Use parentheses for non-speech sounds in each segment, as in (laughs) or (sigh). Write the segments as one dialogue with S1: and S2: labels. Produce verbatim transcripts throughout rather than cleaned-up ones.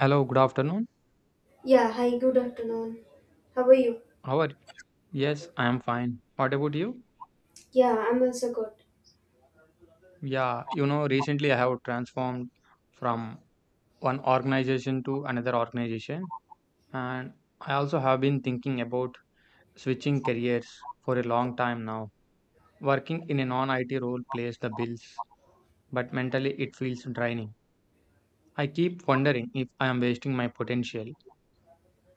S1: Hello, good afternoon.
S2: Yeah, hi, good afternoon. How are you?
S1: How are you? Yes, I am fine. What about you?
S2: Yeah, I'm also good.
S1: Yeah, you know, recently I have transformed from one organization to another organization, and I also have been thinking about switching careers for a long time now. Working in a non-I T role pays the bills, but mentally it feels draining. I keep wondering if I am wasting my potential.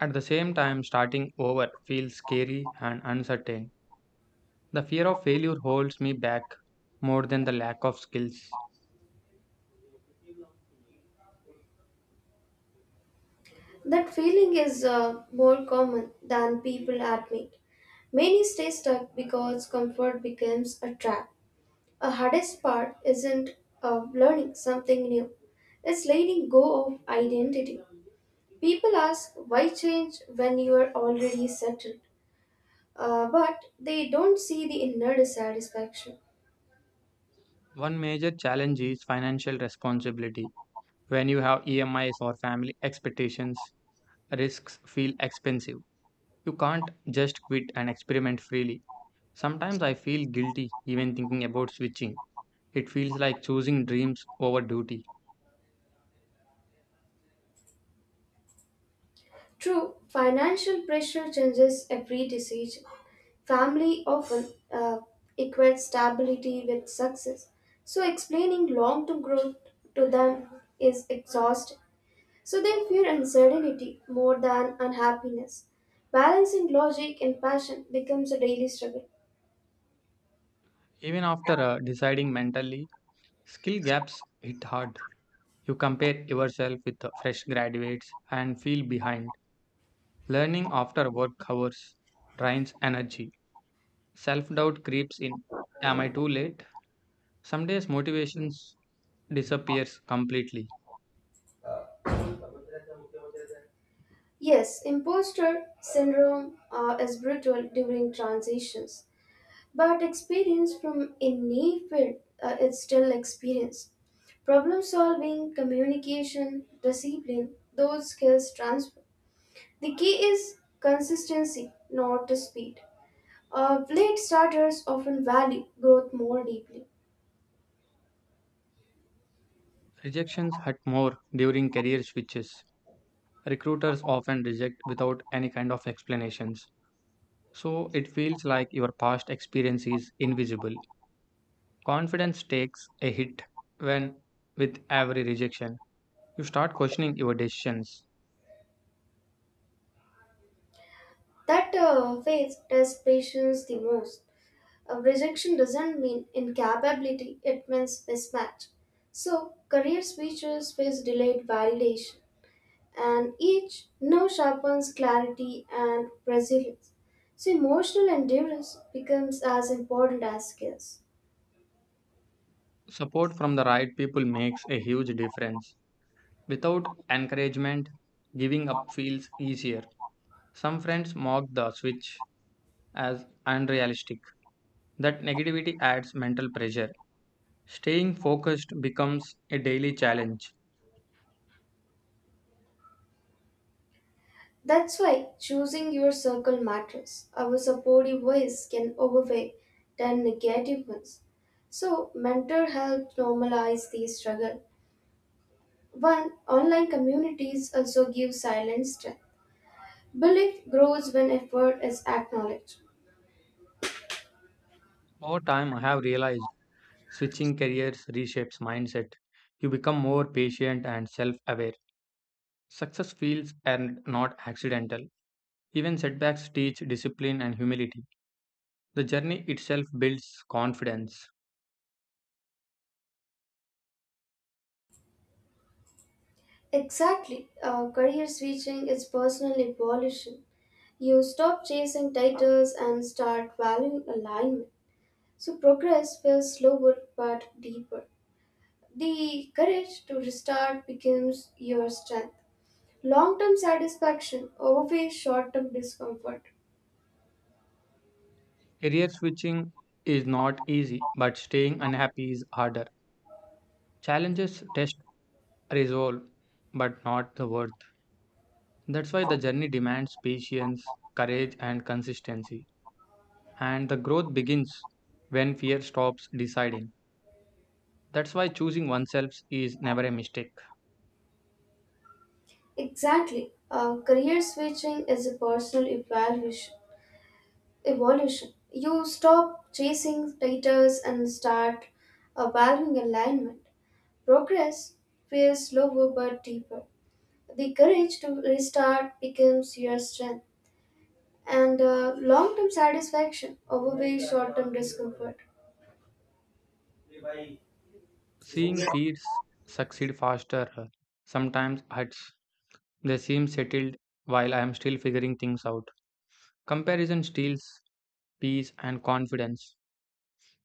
S1: At the same time, starting over feels scary and uncertain. The fear of failure holds me back more than the lack of skills.
S2: That feeling is uh, more common than people admit. Many stay stuck because comfort becomes a trap. A hardest part isn't uh, learning something new, it's letting go of identity. People ask why change when you are already settled, uh, but they don't see the inner dissatisfaction.
S1: One major challenge is financial responsibility. When you have E M Is or family expectations, risks feel expensive. You can't just quit and experiment freely. Sometimes I feel guilty even thinking about switching. It feels like choosing dreams over duty.
S2: True, financial pressure changes every decision. Family often uh, equates stability with success, so explaining long term growth to them is exhausting. So they fear uncertainty more than unhappiness. Balancing logic and passion becomes a daily struggle.
S1: Even after uh, deciding mentally, skill gaps hit hard. You compare yourself with uh, fresh graduates and feel behind. Learning after work hours drains energy. Self doubt creeps in. Am I too late? Some days motivation disappears completely.
S2: Yes, imposter syndrome uh, is brutal during transitions, but experience from any field uh, is still experience. Problem solving, communication, discipline, those skills transfer. The key is consistency, not the speed. Uh, late starters often value growth more deeply.
S1: Rejections hurt more during career switches. Recruiters often reject without any kind of explanations. So it feels like your past experience is invisible. Confidence takes a hit when, with every rejection, you start questioning your decisions.
S2: That uh, phase tests patience the most. Uh, rejection doesn't mean incapability, it means mismatch. So, career speeches face delayed validation, and each no sharpens clarity and resilience. So, emotional endurance becomes as important as skills.
S1: Support from the right people makes a huge difference. Without encouragement, giving up feels easier. Some friends mock the switch as unrealistic. That negativity adds mental pressure. Staying focused becomes a daily challenge.
S2: That's why choosing your circle matters. Our supportive ways can overweigh their negative ones. So, mentor help normalize the struggle. One, online communities also give silent strength. Belief grows when effort is acknowledged.
S1: Over time, I have realized switching careers reshapes mindset. You become more patient and self aware. Success feels earned, not accidental. Even setbacks teach discipline and humility. The journey itself builds confidence.
S2: Exactly, uh, career switching is personal evolution. You stop chasing titles and start valuing alignment. So, progress feels slower but deeper. The courage to restart becomes your strength. Long term satisfaction outweighs short term discomfort.
S1: Career switching is not easy, but staying unhappy is harder. Challenges test resolve, but not the worth. That's why the journey demands patience, courage, and consistency. And the growth begins when fear stops deciding. That's why choosing oneself is never a mistake.
S2: Exactly. Uh, career switching is a personal evaluation, evolution. You stop chasing titles and start uh, valuing alignment. Progress feels slower but deeper. The courage to restart becomes your strength, and uh, long term satisfaction outweighs short term discomfort.
S1: Seeing peers succeed faster uh, sometimes hurts. They seem settled while I am still figuring things out. Comparison steals peace and confidence.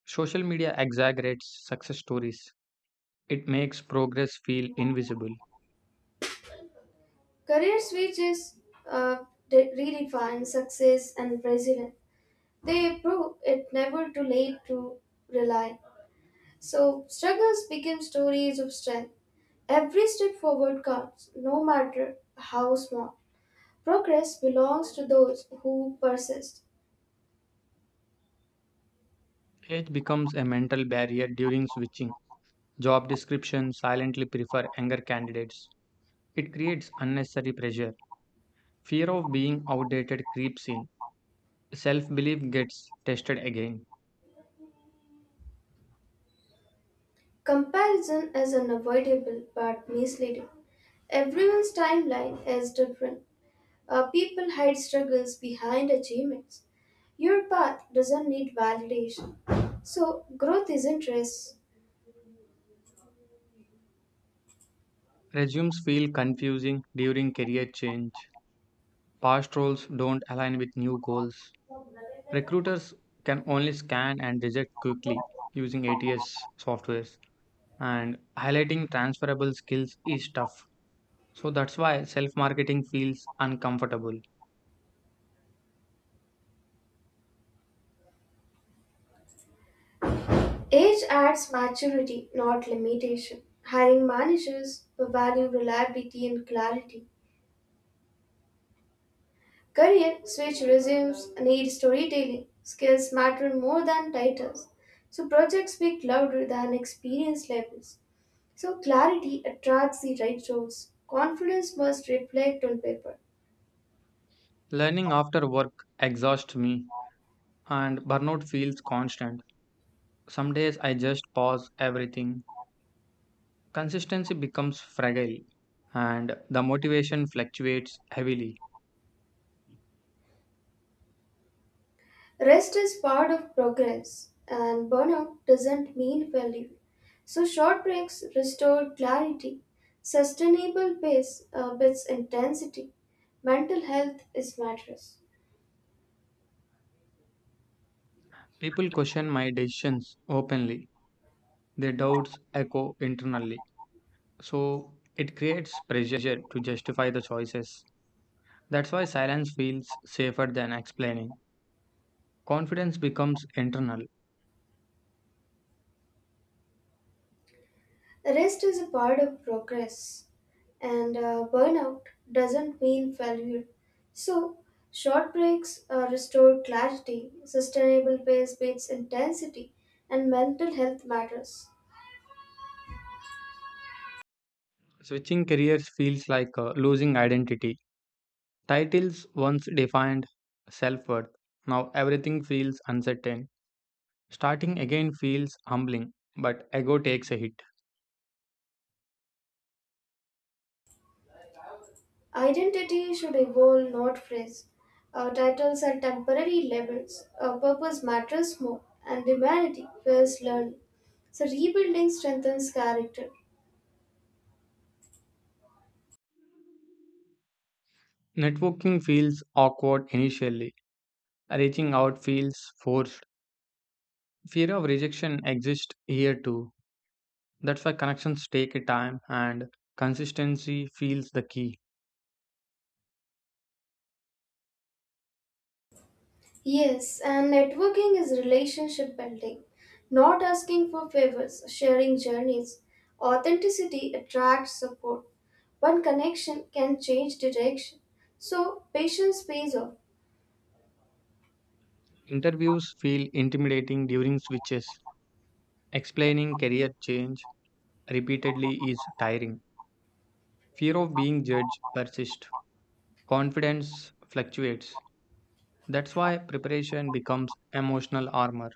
S1: Social media exaggerates success stories. It makes progress feel invisible.
S2: Career switches uh, de- redefine success and resilience. They prove it never too late to rely. So struggles become stories of strength. Every step forward counts, no matter how small. Progress belongs to those who persist.
S1: Age becomes a mental barrier during switching. Job descriptions silently prefer younger candidates. It creates unnecessary pressure. Fear of being outdated creeps in. Self belief gets tested again.
S2: Comparison is unavoidable but misleading. Everyone's timeline is different. Uh, people hide struggles behind achievements. Your path doesn't need validation. So, growth isn't risk.
S1: Resumes feel confusing during career change. Past roles don't align with new goals. Recruiters can only scan and reject quickly using A T S software, and highlighting transferable skills is tough. So that's why self marketing feels uncomfortable.
S2: Age adds maturity, not limitation. Hiring managers who value reliability and clarity. Career switch resumes need storytelling. Skills matter more than titles. So, projects speak louder than experience levels. So, clarity attracts the right roles. Confidence must reflect on paper.
S1: Learning after work exhausts me, and burnout feels constant. Some days I just pause everything. Consistency becomes fragile, and the motivation fluctuates heavily.
S2: Rest is part of progress, and burnout doesn't mean failure. So, short breaks restore clarity, sustainable pace uh, builds intensity, mental health is matters.
S1: People question my decisions openly, their doubts echo internally. So it creates pressure to justify the choices. That's why silence feels safer than explaining. Confidence becomes internal.
S2: Rest is a part of progress, and uh, burnout doesn't mean failure. So, short breaks uh, restore clarity, sustainable pace beats intensity, and mental health matters.
S1: Switching careers feels like uh, losing identity. Titles once defined self worth. Now everything feels uncertain. Starting again feels humbling, but ego takes a hit.
S2: Identity should evolve, not freeze. Our titles are temporary labels. Our purpose matters more, and humanity fears learning. So, rebuilding strengthens character.
S1: Networking feels awkward initially. Reaching out feels forced. Fear of rejection exists here too. That's why connections take a time and consistency feels the key.
S2: Yes, and networking is relationship building, not asking for favors, sharing journeys. Authenticity attracts support. One connection can change direction. So, patience pays off.
S1: Interviews feel intimidating during switches. Explaining career change repeatedly is tiring. Fear of being judged persists. Confidence fluctuates. That's why preparation becomes emotional armor.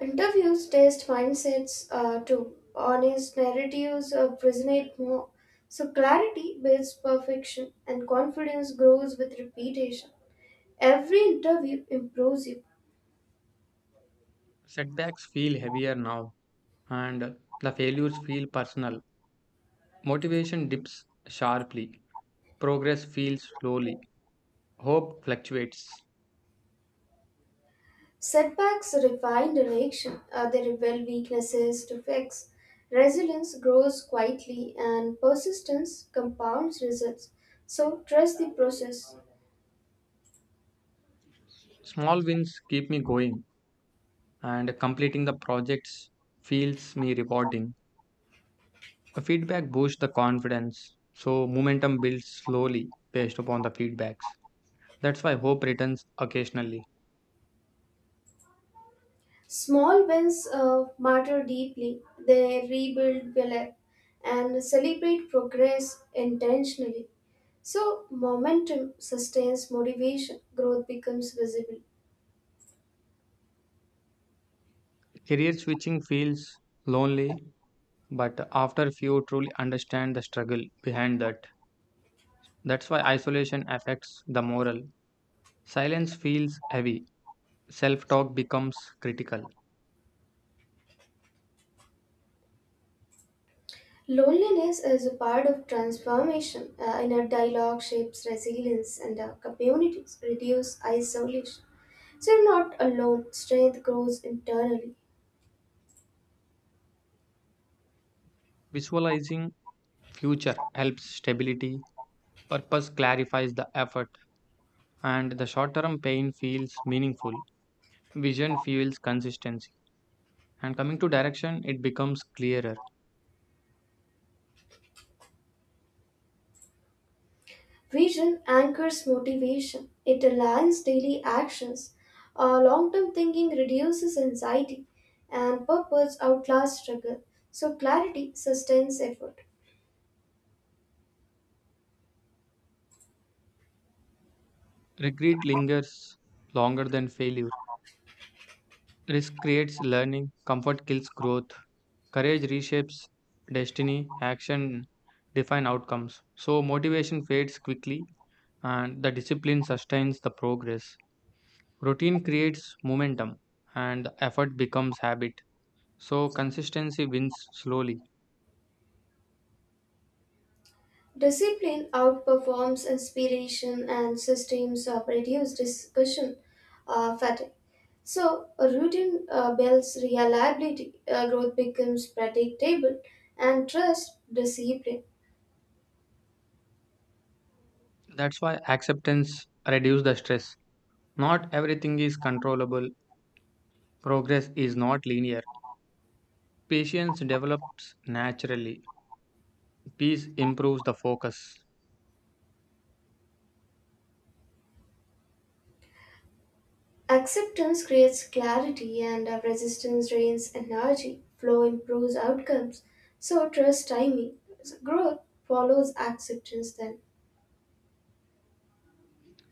S2: Interviews test mindsets uh, too. Honest narratives uh, resonate more. So clarity builds perfection and confidence grows with repetition. Every interview improves you.
S1: Setbacks feel heavier now, and the failures feel personal. Motivation dips sharply. Progress feels slowly. Hope fluctuates.
S2: Setbacks refine direction. Uh, they reveal weaknesses to fix. Resilience grows quietly and persistence compounds results. So trust the process.
S1: Small wins keep me going, and completing the projects feels me rewarding. A feedback boosts the confidence, so momentum builds slowly based upon the feedbacks. That's why hope returns occasionally.
S2: Small wins uh, matter deeply. They rebuild belief and celebrate progress intentionally. So, momentum sustains motivation, growth becomes visible.
S1: Career switching feels lonely, but after few truly understand the struggle behind that. That's why isolation affects the moral. Silence feels heavy. Self talk becomes critical.
S2: Loneliness is a part of transformation. Uh, inner dialogue shapes resilience, and uh, communities reduce isolation. So, you're not alone, strength grows internally.
S1: Visualizing future helps stability. Purpose clarifies the effort, and the short term pain feels meaningful. Vision fuels consistency. And coming to direction, it becomes clearer.
S2: Vision anchors motivation, it aligns daily actions. Long term thinking reduces anxiety, and purpose outlasts struggle. So, clarity sustains effort.
S1: Regret lingers longer than failure. Risk creates learning, comfort kills growth, courage reshapes destiny, action define outcomes. So motivation fades quickly and the discipline sustains the progress. Routine creates momentum and the effort becomes habit. So consistency wins slowly.
S2: Discipline outperforms inspiration, and systems uh, reduce discussion uh, fatigue. So, a routine uh, builds reliability, uh, growth becomes predictable, and trust discipline.
S1: That's why acceptance reduces the stress. Not everything is controllable. Progress is not linear. Patience develops naturally. Peace improves the focus.
S2: Acceptance creates clarity and uh, resistance drains energy. Flow improves outcomes. So trust timing. So growth follows acceptance then.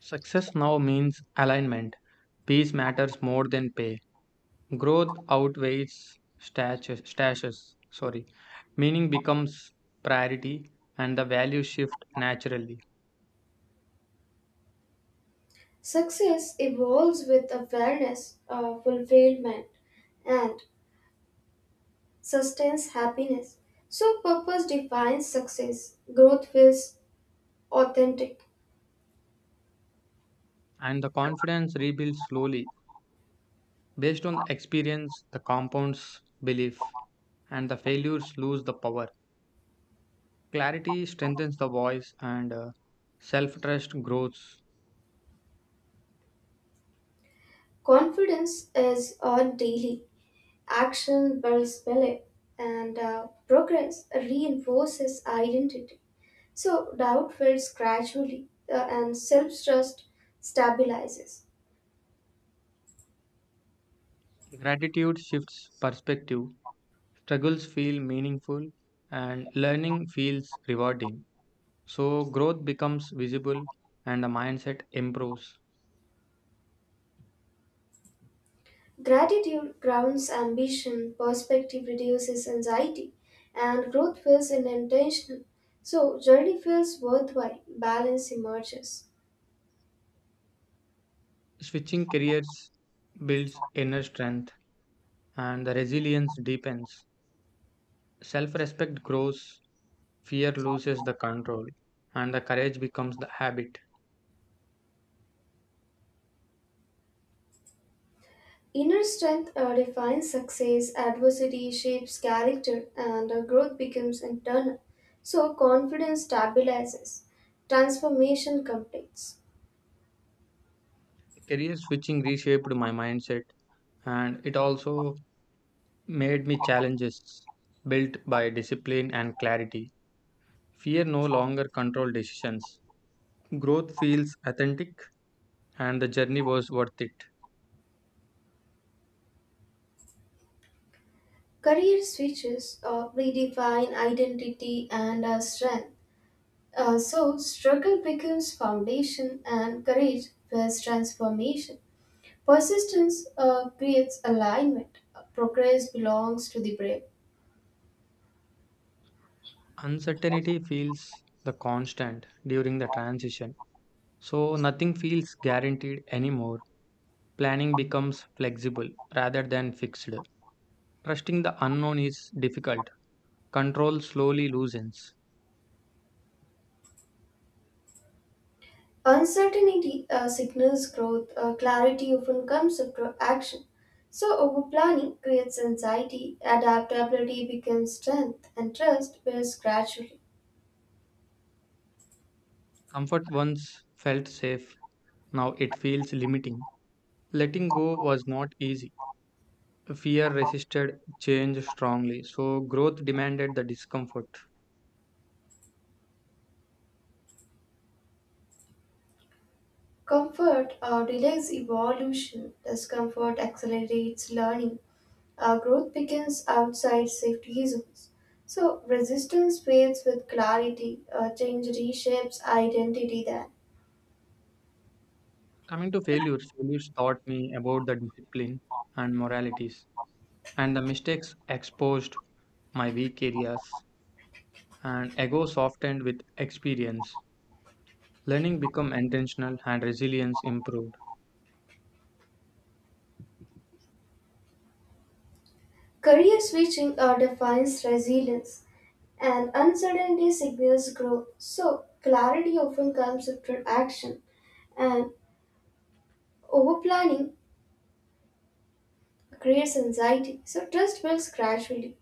S1: Success now means alignment. Peace matters more than pay. Growth outweighs stashes. Stashes, sorry. Meaning becomes priority and the values shift naturally.
S2: Success evolves with awareness of fulfillment and sustains happiness. So purpose defines success. Growth feels authentic.
S1: And the confidence rebuilds slowly. Based on the experience, the compounds belief and the failures lose the power. Clarity strengthens the voice and self trust grows.
S2: Confidence is earned daily. Action builds belief and uh, progress reinforces identity. So doubt fades gradually uh, and self trust stabilizes.
S1: Gratitude shifts perspective. Struggles feel meaningful and learning feels rewarding. So, growth becomes visible and the mindset improves.
S2: Gratitude grounds ambition, perspective reduces anxiety, and growth feels intentional. So journey feels worthwhile, balance emerges.
S1: Switching careers builds inner strength and the resilience deepens. Self respect grows, fear loses the control, and the courage becomes the habit.
S2: Inner strength uh, defines success, adversity shapes character, and uh, growth becomes internal. So confidence stabilizes, transformation completes.
S1: Career switching reshaped my mindset and it also made me challenges built by discipline and clarity. Fear no longer controlled decisions. Growth feels authentic and the journey was worth it.
S2: Career switches uh, redefine identity and uh, strength. Uh, so, struggle becomes foundation and courage builds transformation. Persistence uh, creates alignment. Uh, Progress belongs to the brave.
S1: Uncertainty feels the constant during the transition. So nothing feels guaranteed anymore. Planning becomes flexible rather than fixed. Trusting the unknown is difficult. Control slowly loosens.
S2: Uncertainty uh, signals growth. Uh, clarity often comes after action. So, over planning creates anxiety. Adaptability becomes strength, and trust builds gradually.
S1: Comfort once felt safe, now it feels limiting. Letting go was not easy. Fear resisted change strongly, so growth demanded the discomfort.
S2: Comfort uh, delays evolution. Discomfort accelerates learning. Our growth begins outside safety zones. So resistance fades with clarity. Uh, change reshapes identity then.
S1: Coming to failures, failures taught me about the discipline and moralities, and the mistakes exposed my weak areas, and ego softened with experience. Learning become intentional and resilience improved.
S2: Career switching uh, defines resilience, and uncertainty signals growth. So clarity often comes after action, and over planning creates anxiety. So trust builds gradually.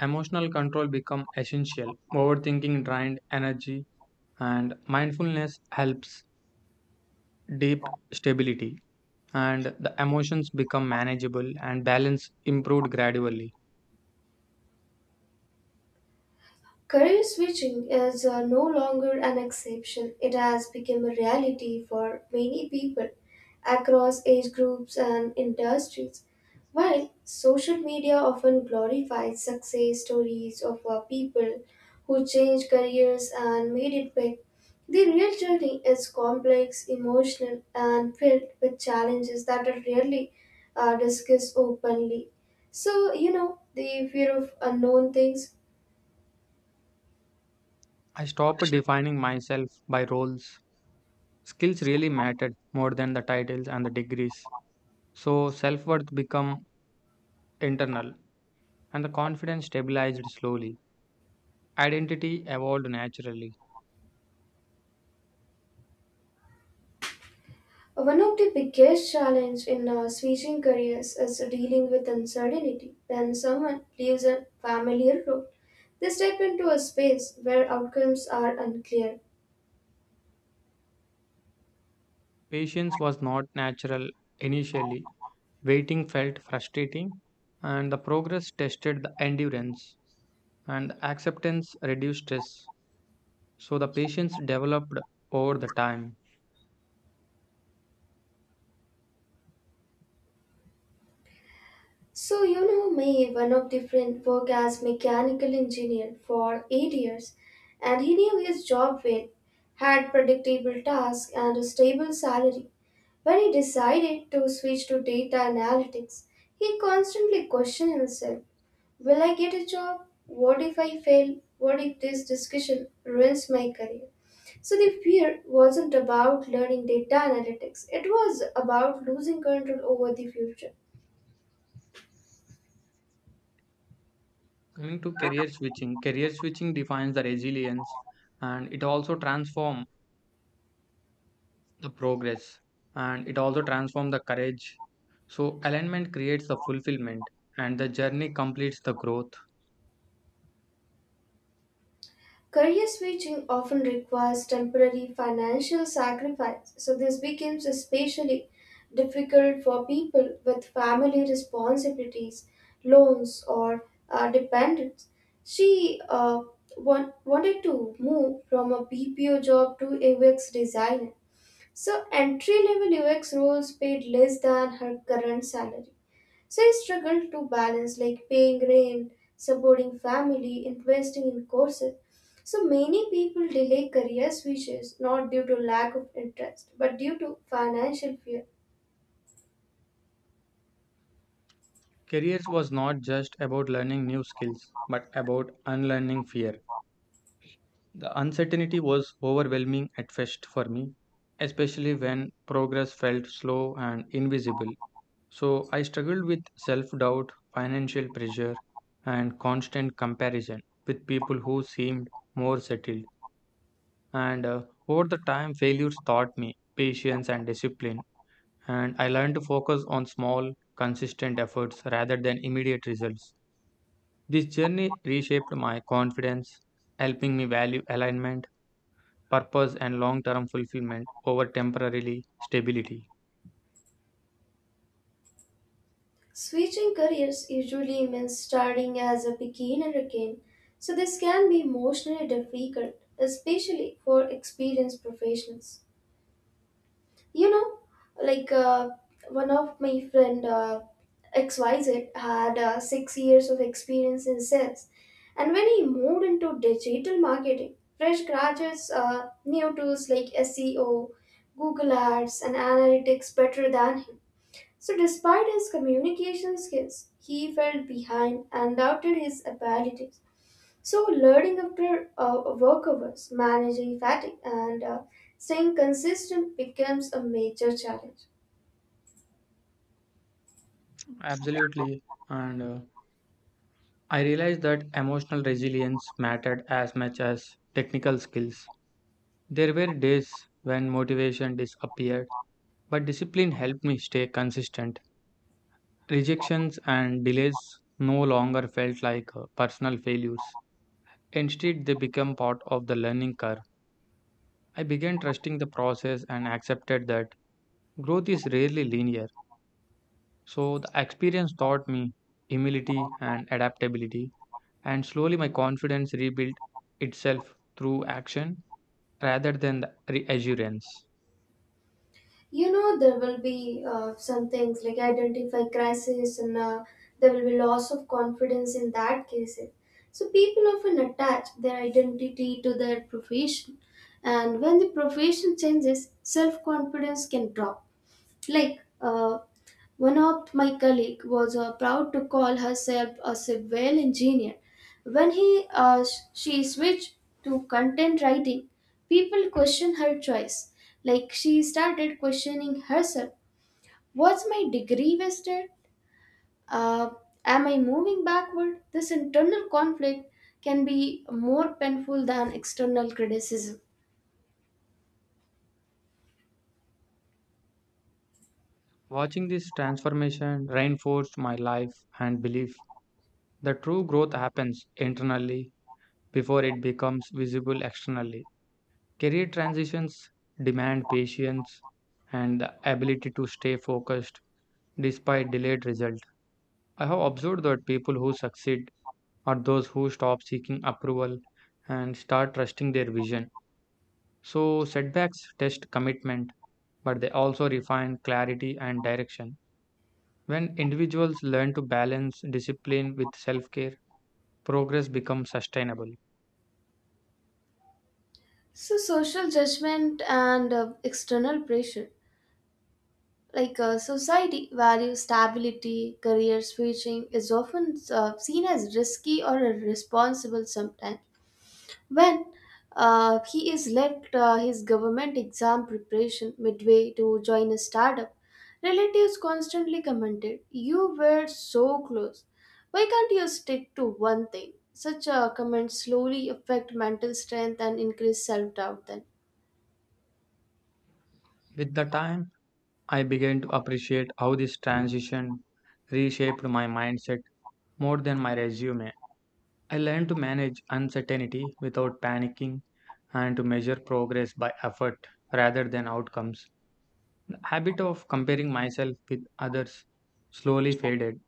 S1: Emotional control become essential. Overthinking drained energy, and mindfulness helps deep stability. And the emotions become manageable, and balance improved gradually.
S2: Career switching is uh, no longer an exception, it has become a reality for many people across age groups and industries. While social media often glorifies success stories of uh, people who changed careers and made it big, the real journey is complex, emotional, and filled with challenges that are rarely uh, discussed openly. So, you know, the fear of unknown things.
S1: I stopped defining myself by roles. Skills really mattered more than the titles and the degrees. So self-worth became internal and the confidence stabilized slowly. Identity evolved naturally.
S2: One of the biggest challenges in our switching careers is dealing with uncertainty. When someone leaves a familiar role, they step into a space where outcomes are unclear.
S1: Patience was not natural initially. Waiting felt frustrating and the progress tested the endurance and the acceptance reduced stress. So the patience developed over the time.
S2: So, you know me, one of the friend worked as mechanical engineer for eight years, and he knew his job well, had predictable tasks and a stable salary. When he decided to switch to data analytics, he constantly questioned himself. Will I get a job? What if I fail? What if this discussion ruins my career? So the fear wasn't about learning data analytics, it was about losing control over the future.
S1: Coming to career switching, career switching defines the resilience and it also transforms the progress and it also transforms the courage. So alignment creates the fulfillment and the journey completes the growth.
S2: Career switching often requires temporary financial sacrifice, so this becomes especially difficult for people with family responsibilities, loans, or uh, dependents. She uh, want, wanted to move from a B P O job to U X designer, so entry level U X roles paid less than her current salary. So I struggled to balance like paying rent, supporting family, investing in courses. So many people delay career switches not due to lack of interest but due to financial fear.
S1: Careers was not just about learning new skills but about unlearning fear. The uncertainty was overwhelming at first for me, especially when progress felt slow and invisible. So I struggled with self doubt, financial pressure, and constant comparison with people who seemed more settled. And uh, Over the time, failures taught me patience and discipline. And I learned to focus on small, consistent efforts rather than immediate results. This journey reshaped my confidence, helping me value alignment, purpose, and long term fulfillment over temporarily stability.
S2: Switching careers usually means starting as a beginner again, so this can be emotionally difficult, especially for experienced professionals. You know, like uh, one of my friend uh, xyz had uh, six years of experience in sales, and when he moved into digital marketing, fresh graduates uh, new tools like SEO, Google ads and analytics better than him. So despite his communication skills he felt behind and doubted his abilities. So, learning after uh, work hours, managing fatigue, and uh, staying consistent becomes a major challenge.
S1: Absolutely. And uh, I realized that emotional resilience mattered as much as technical skills. There were days when motivation disappeared, but discipline helped me stay consistent. Rejections and delays no longer felt like uh, personal failures. Instead, they became part of the learning curve. I began trusting the process and accepted that growth is rarely linear. So, the experience taught me humility and adaptability, and slowly my confidence rebuilt itself through action rather than the reassurance.
S2: You know, there will be uh, some things like identify crisis, and uh, there will be loss of confidence in that case. So, people often attach their identity to their profession, and when the profession changes, self confidence can drop. Like uh, one of my colleague was uh, proud to call herself a civil engineer. When he uh, sh- she switched to content writing, people questioned her choice. Like she started questioning herself. Was my degree wasted? Uh, am I moving backward? This internal conflict can be more painful than external criticism.
S1: Watching this transformation reinforced my life and belief that true growth happens internally before it becomes visible externally. Career transitions demand patience and the ability to stay focused despite delayed results. I have observed that people who succeed are those who stop seeking approval and start trusting their vision. So, setbacks test commitment, but they also refine clarity and direction. When individuals learn to balance discipline with self care, progress becomes sustainable.
S2: So, social judgment and uh, external pressure. Like a society values stability, career switching is often uh, seen as risky or irresponsible sometimes. When uh, he is left uh, his government exam preparation midway to join a startup, relatives constantly commented, "You were so close. Why can't you stick to one thing?" Such uh, comments slowly affect mental strength and increase self doubt then.
S1: With the time, I began to appreciate how this transition reshaped my mindset more than my resume. I learned to manage uncertainty without panicking and to measure progress by effort rather than outcomes. The habit of comparing myself with others slowly faded,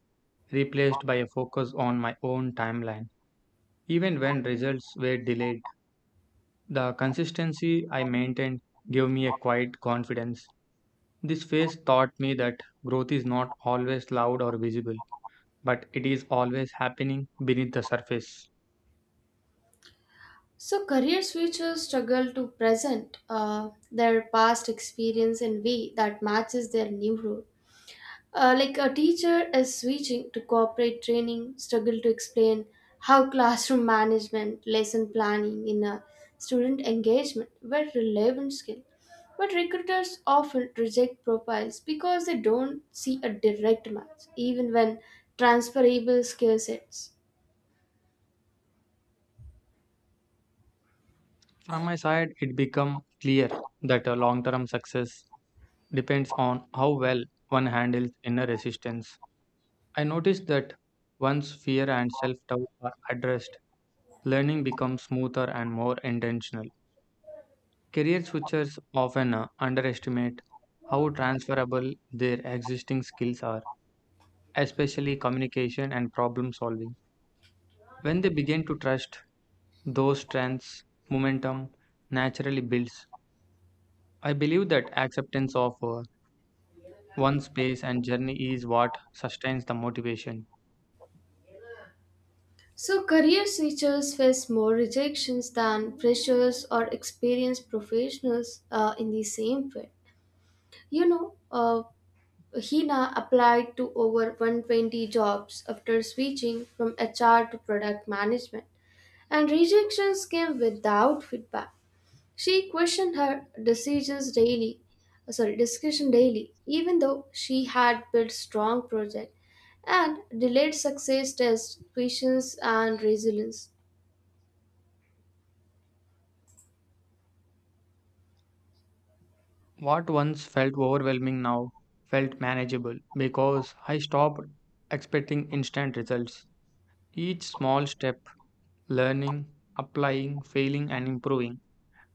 S1: replaced by a focus on my own timeline. Even when results were delayed, the consistency I maintained gave me a quiet confidence. This phase taught me that growth is not always loud or visible, but it is always happening beneath the surface.
S2: So, career switchers struggle to present uh, their past experience in way that matches their new role. Uh, like a teacher is switching to corporate training, struggle to explain how (laughs) classroom management, lesson planning in a student engagement were relevant skill. But recruiters often reject profiles because they don't see a direct match, even when transferable skill sets.
S1: From my side, it became clear that a long term success depends on how well one handles inner resistance. I noticed that once fear and self doubt are addressed, learning becomes smoother and more intentional. Career switchers often uh, underestimate how transferable their existing skills are, especially communication and problem solving. When they begin to trust those strengths, momentum naturally builds. I believe that acceptance of uh, one's pace and journey is what sustains the motivation.
S2: So, career switchers face more rejections than freshers or experienced professionals uh, in the same field. You know, uh, Hina applied to over one hundred twenty jobs after switching from H R to product management, and rejections came without feedback. She questioned her decisions daily, uh, sorry, discussion daily, even though she had built strong project and delayed success tests, patience, and resilience.
S1: What once felt overwhelming now felt manageable because I stopped expecting instant results. Each small step, learning, applying, failing, and improving,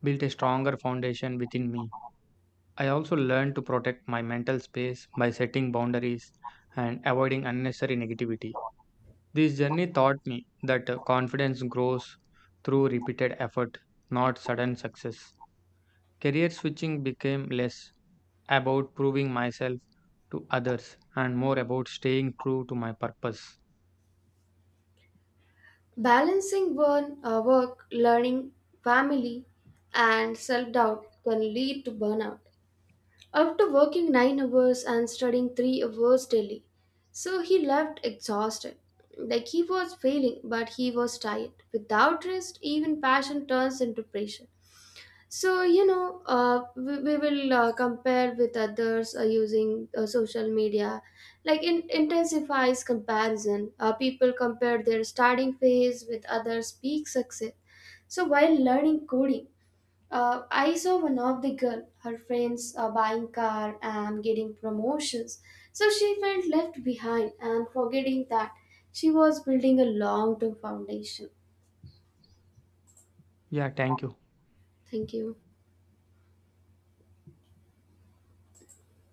S1: built a stronger foundation within me. I also learned to protect my mental space by setting boundaries and avoiding unnecessary negativity. This journey taught me that uh, confidence grows through repeated effort, not sudden success. Career switching became less about proving myself to others and more about staying true to my purpose.
S2: Balancing burn, uh, work, learning, family, and self doubt can lead to burnout. After working nine hours and studying three hours daily, so he left exhausted. Like he was failing, but he was tired. Without rest, even passion turns into pressure. So, you know, uh, we, we will uh, compare with others uh, using uh, social media. Like, it intensifies comparison. Uh, people compare their starting phase with others' peak success. So, while learning coding, uh, I saw one of the girl, her friends uh, buying car and getting promotions. So, she felt left behind and forgetting that she was building a long term foundation.
S1: Yeah, thank you.
S2: Thank you.